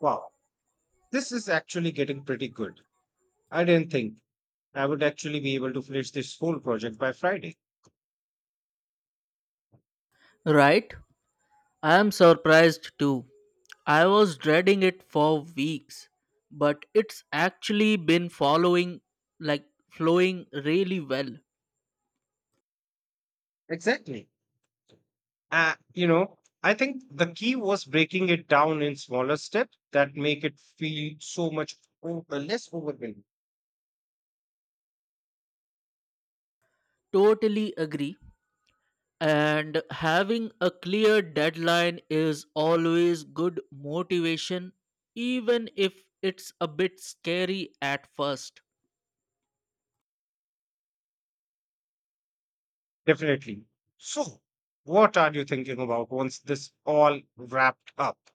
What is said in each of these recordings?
Wow, this is actually getting pretty good. I didn't think I would actually be able to finish this whole project by Friday. Right? I am surprised too. I was dreading it for weeks, but it's actually been following like flowing really well. Exactly. You know, I think the key was breaking it down in smaller steps that make it feel so much less overwhelming. Totally agree. And having a clear deadline is always good motivation, even if it's a bit scary at first. Definitely. So, what are you thinking about once this all wrapped up?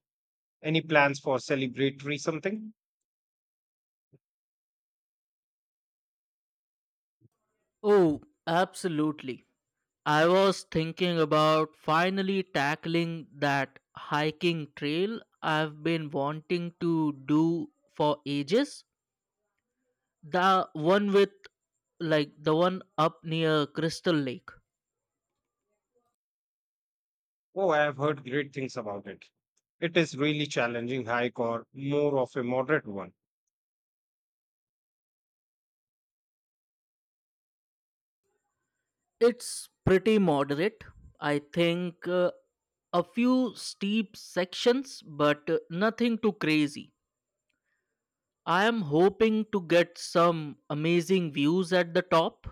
Any plans for celebratory something? Oh, absolutely. I was thinking about finally tackling that hiking trail I've been wanting to do for ages. The one the one up near Crystal Lake. Oh, I have heard great things about it. It is really challenging hike or more of a moderate one. It's pretty moderate. I think a few steep sections, but nothing too crazy. I am hoping to get some amazing views at the top.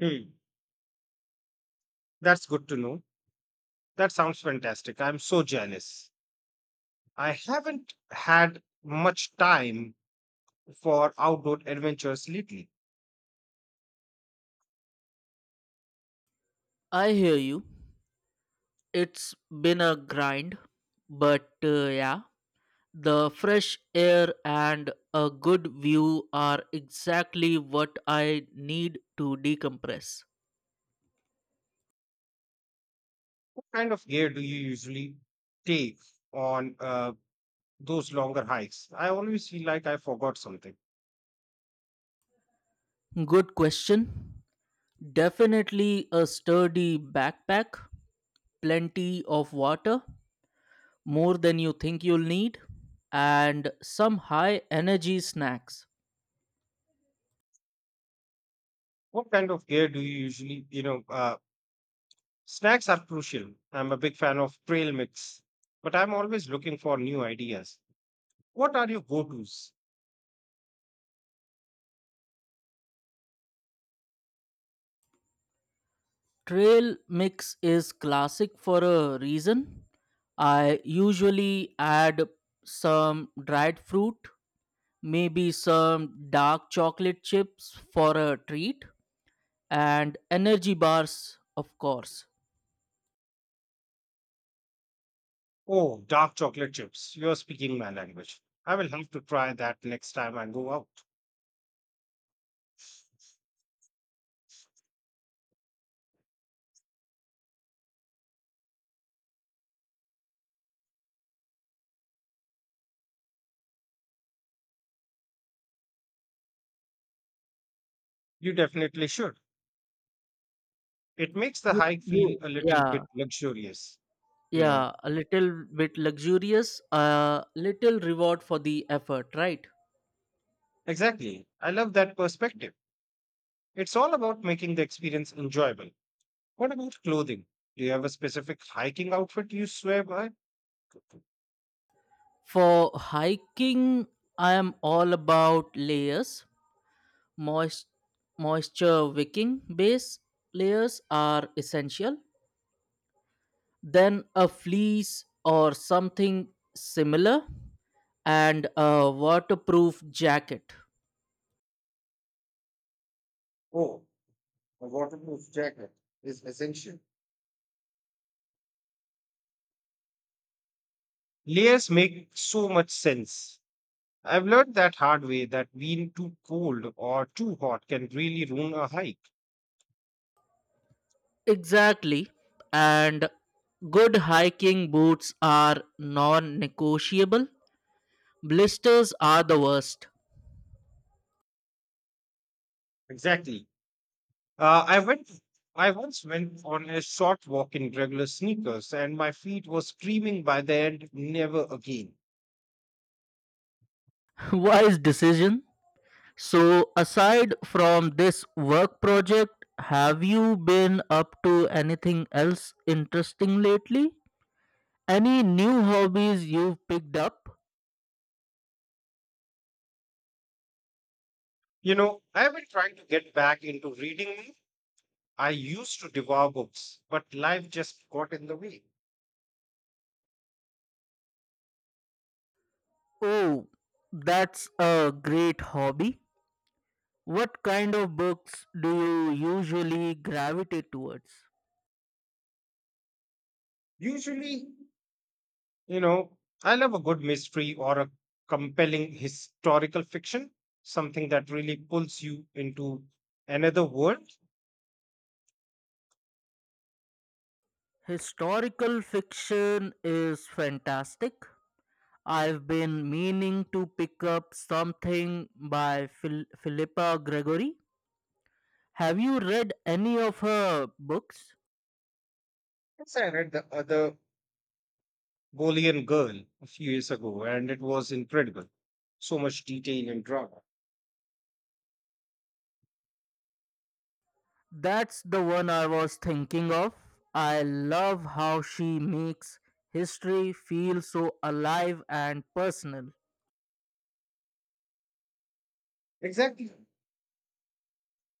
Hmm. That's good to know. That sounds fantastic. I'm so jealous. I haven't had much time for outdoor adventures lately. I hear you. It's been a grind, but yeah, the fresh air and a good view are exactly what I need to decompress. What kind of gear do you usually take on those longer hikes? I always feel like I forgot something. Good question. Definitely a sturdy backpack, plenty of water, more than you think you'll need, and some high energy snacks. What kind of gear do you usually? Snacks are crucial. I'm a big fan of trail mix, but I'm always looking for new ideas. What are your go tos? Trail mix is classic for a reason. I usually add some dried fruit, maybe some dark chocolate chips for a treat, and energy bars, of course. Oh, dark chocolate chips. You're speaking my language. I will have to try that next time I go out. You definitely should. It makes the hike feel a little Yeah, bit luxurious, you know. yeah, a little bit luxurious, a little reward for the effort, right? Exactly. I love that perspective. It's all about making the experience enjoyable. What about clothing? Do you have a specific hiking outfit you swear by? For hiking, I am all about layers. Moist, moisture wicking base layers are essential. Then a fleece or something similar and a waterproof jacket. Oh, a waterproof jacket is essential. Layers make so much sense. I've learned that hard way that being too cold or too hot can really ruin a hike. Exactly. And good hiking boots are non negotiable. Blisters are the worst. Exactly. Uh, I went. I once went on a short walk in regular sneakers, and my feet were screaming by the end, "Never again." Wise decision. So, aside from this work project, have you been up to anything else interesting lately? Any new hobbies you've picked up? You know, I've been trying to get back into reading. More. I used to devour books, but life just got in the way. Oh, that's a great hobby. What kind of books do you usually gravitate towards? Usually, you know, I love a good mystery or a compelling historical fiction, something that really pulls you into another world. Historical fiction is fantastic. I've been meaning to pick up something by Philippa Gregory. Have you read any of her books? Yes, I read the other Bolian Girl a few years ago, and it was incredible. So much detail and drama. That's the one I was thinking of. I love how she makes history feel so alive and personal. Exactly.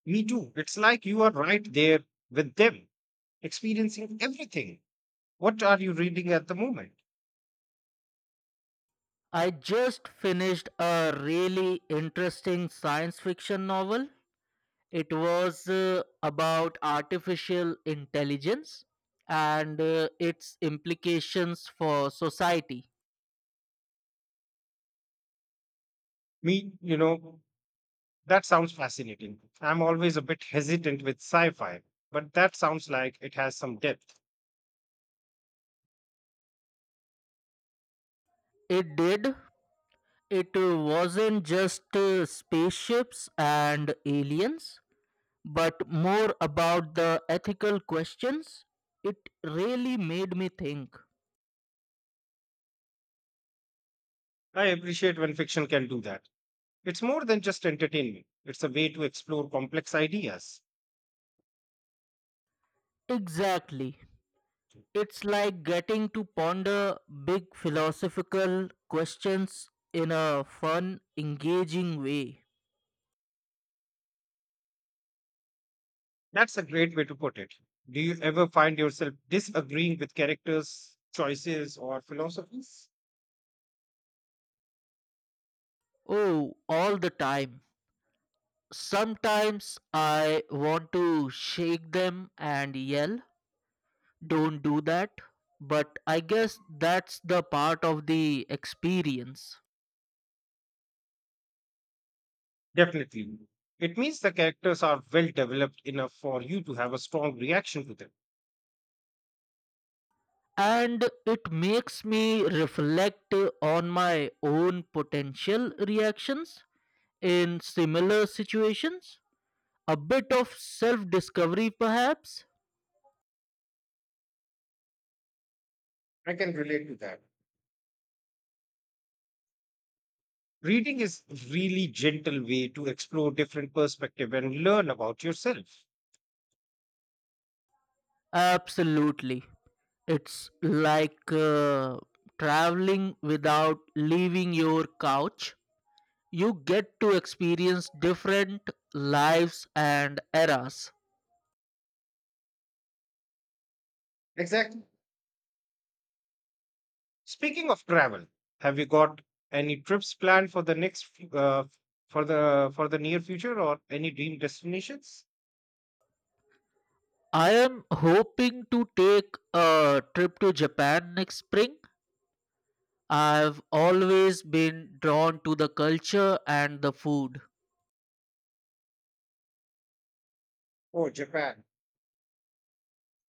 Me too. It's like you are right there with them, experiencing everything. What are you reading at the moment? I just finished a really interesting science fiction novel. It was about artificial intelligence and its implications for society. Me, you know, That sounds fascinating. I'm always a bit hesitant with sci fi, but that sounds like it has some depth. It did. It wasn't just spaceships and aliens but more about the ethical questions. It really made me think. I appreciate when fiction can do that. It's more than just entertainment, it's a way to explore complex ideas. Exactly. It's like getting to ponder big philosophical questions in a fun, engaging way. That's a great way to put it. Do you ever find yourself disagreeing with characters' choices or philosophies? Oh, all the time. Sometimes I want to shake them and yell, don't do that. But I guess that's the part of the experience. Definitely. It means the characters are well developed enough for you to have a strong reaction to them. And it makes me reflect on my own potential reactions in similar situations. A bit of self discovery, perhaps? I can relate to that. Reading is really gentle way to explore different perspective and learn about yourself. Absolutely. It's like traveling without leaving your couch. You get to experience different lives and eras. Exactly. Speaking of travel, have you got any trips planned for the for the for the near future or any dream destinations? I am hoping to take a trip to Japan next spring. I've always been drawn to the culture and the food. Oh, Japan.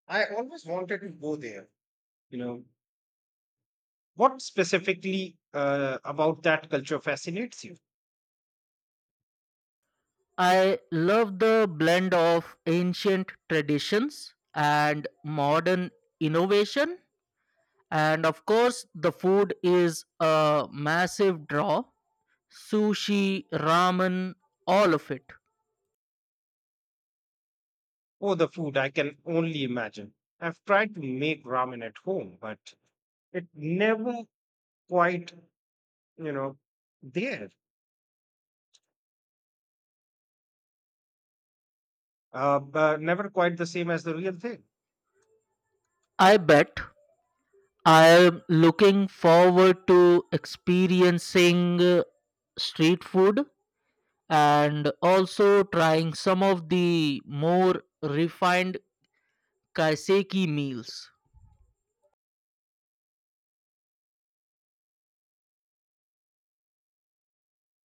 I always wanted to go there. You know, what specifically about that culture fascinates you? I love the blend of ancient traditions and modern innovation. And of course, the food is a massive draw: sushi, ramen, all of it. Oh, the food, I can only imagine. I've tried to make ramen at home, but it never quite, you know, there. But never quite the same as the real thing. I bet. I am looking forward to experiencing street food and also trying some of the more refined kaiseki meals.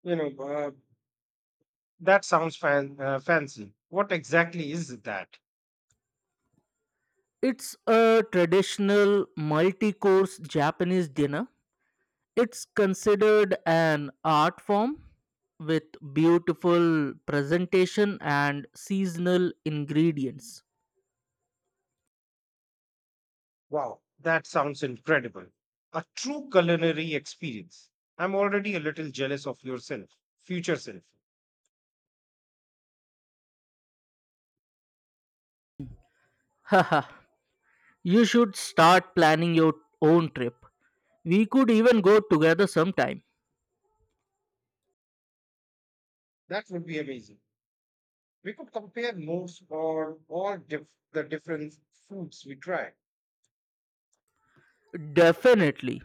You know, uh, that sounds fancy. What exactly is that? It's a traditional multi course Japanese dinner. It's considered an art form with beautiful presentation and seasonal ingredients. Wow, that sounds incredible. A true culinary experience. I'm already a little jealous of yourself, future self. Haha, you should start planning your own trip. We could even go together sometime. That would be amazing. We could compare notes or the different foods we try. Definitely.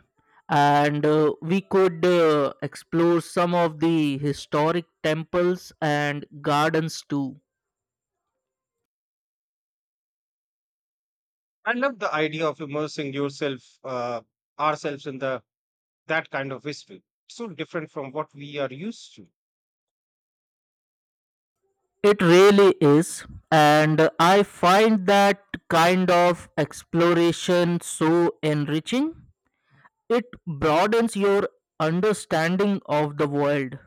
And we could explore some of the historic temples and gardens too. I love the idea of immersing ourselves in the that kind of history. So different from what we are used to. It really is. And I find that kind of exploration so enriching. It broadens your understanding of the world.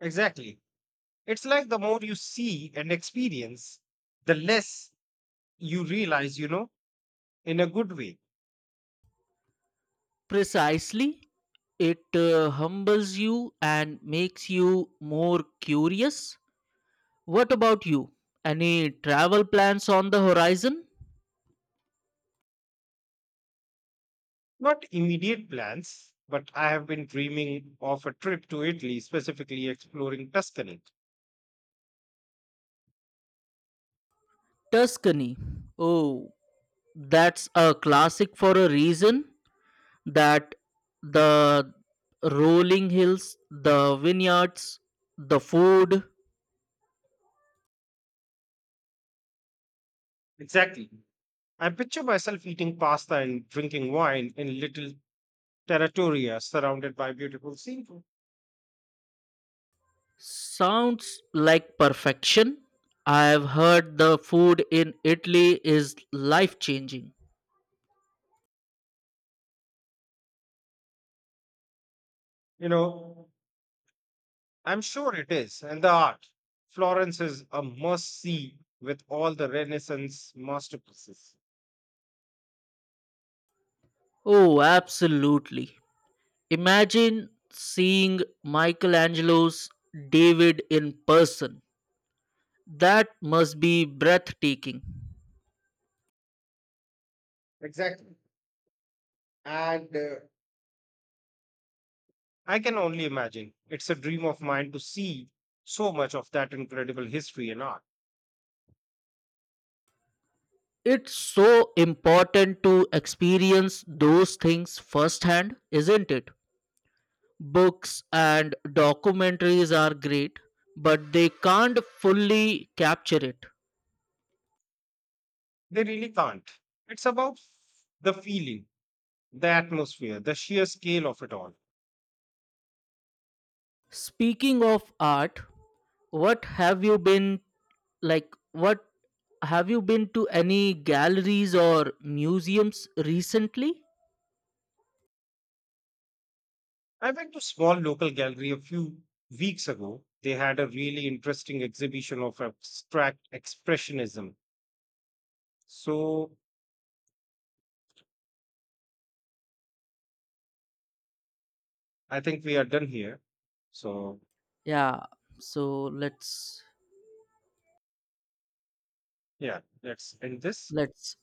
Exactly. It's like the more you see and experience, the less you realize, you know, in a good way. Precisely. It humbles you and makes you more curious. What about you? Any travel plans on the horizon? Not immediate plans, but I have been dreaming of a trip to Italy, specifically exploring Tuscany. Tuscany. Oh, that's a classic for a reason. That the rolling hills, the vineyards, the food Exactly. I picture myself eating pasta and drinking wine in little territoria surrounded by beautiful scenery. sounds like perfection. I've heard the food in Italy is life changing. You know, I'm sure it is, and the art. Florence is a must see with all the Renaissance masterpieces. Oh, absolutely. Imagine seeing Michelangelo's David in person. That must be breathtaking. Exactly. And I can only imagine. It's a dream of mine to see so much of that incredible history and art. It's so important to experience those things firsthand, isn't it? Books and documentaries are great, but they can't fully capture it. They really can't. It's about the feeling. The atmosphere, the sheer scale of it all. Speaking of art, what have you been like? What have you been to any galleries or museums recently? I went to small local gallery a few weeks ago. They had a really interesting exhibition of abstract expressionism. So I think we are done here. So Yeah, so yeah, let's end this. let's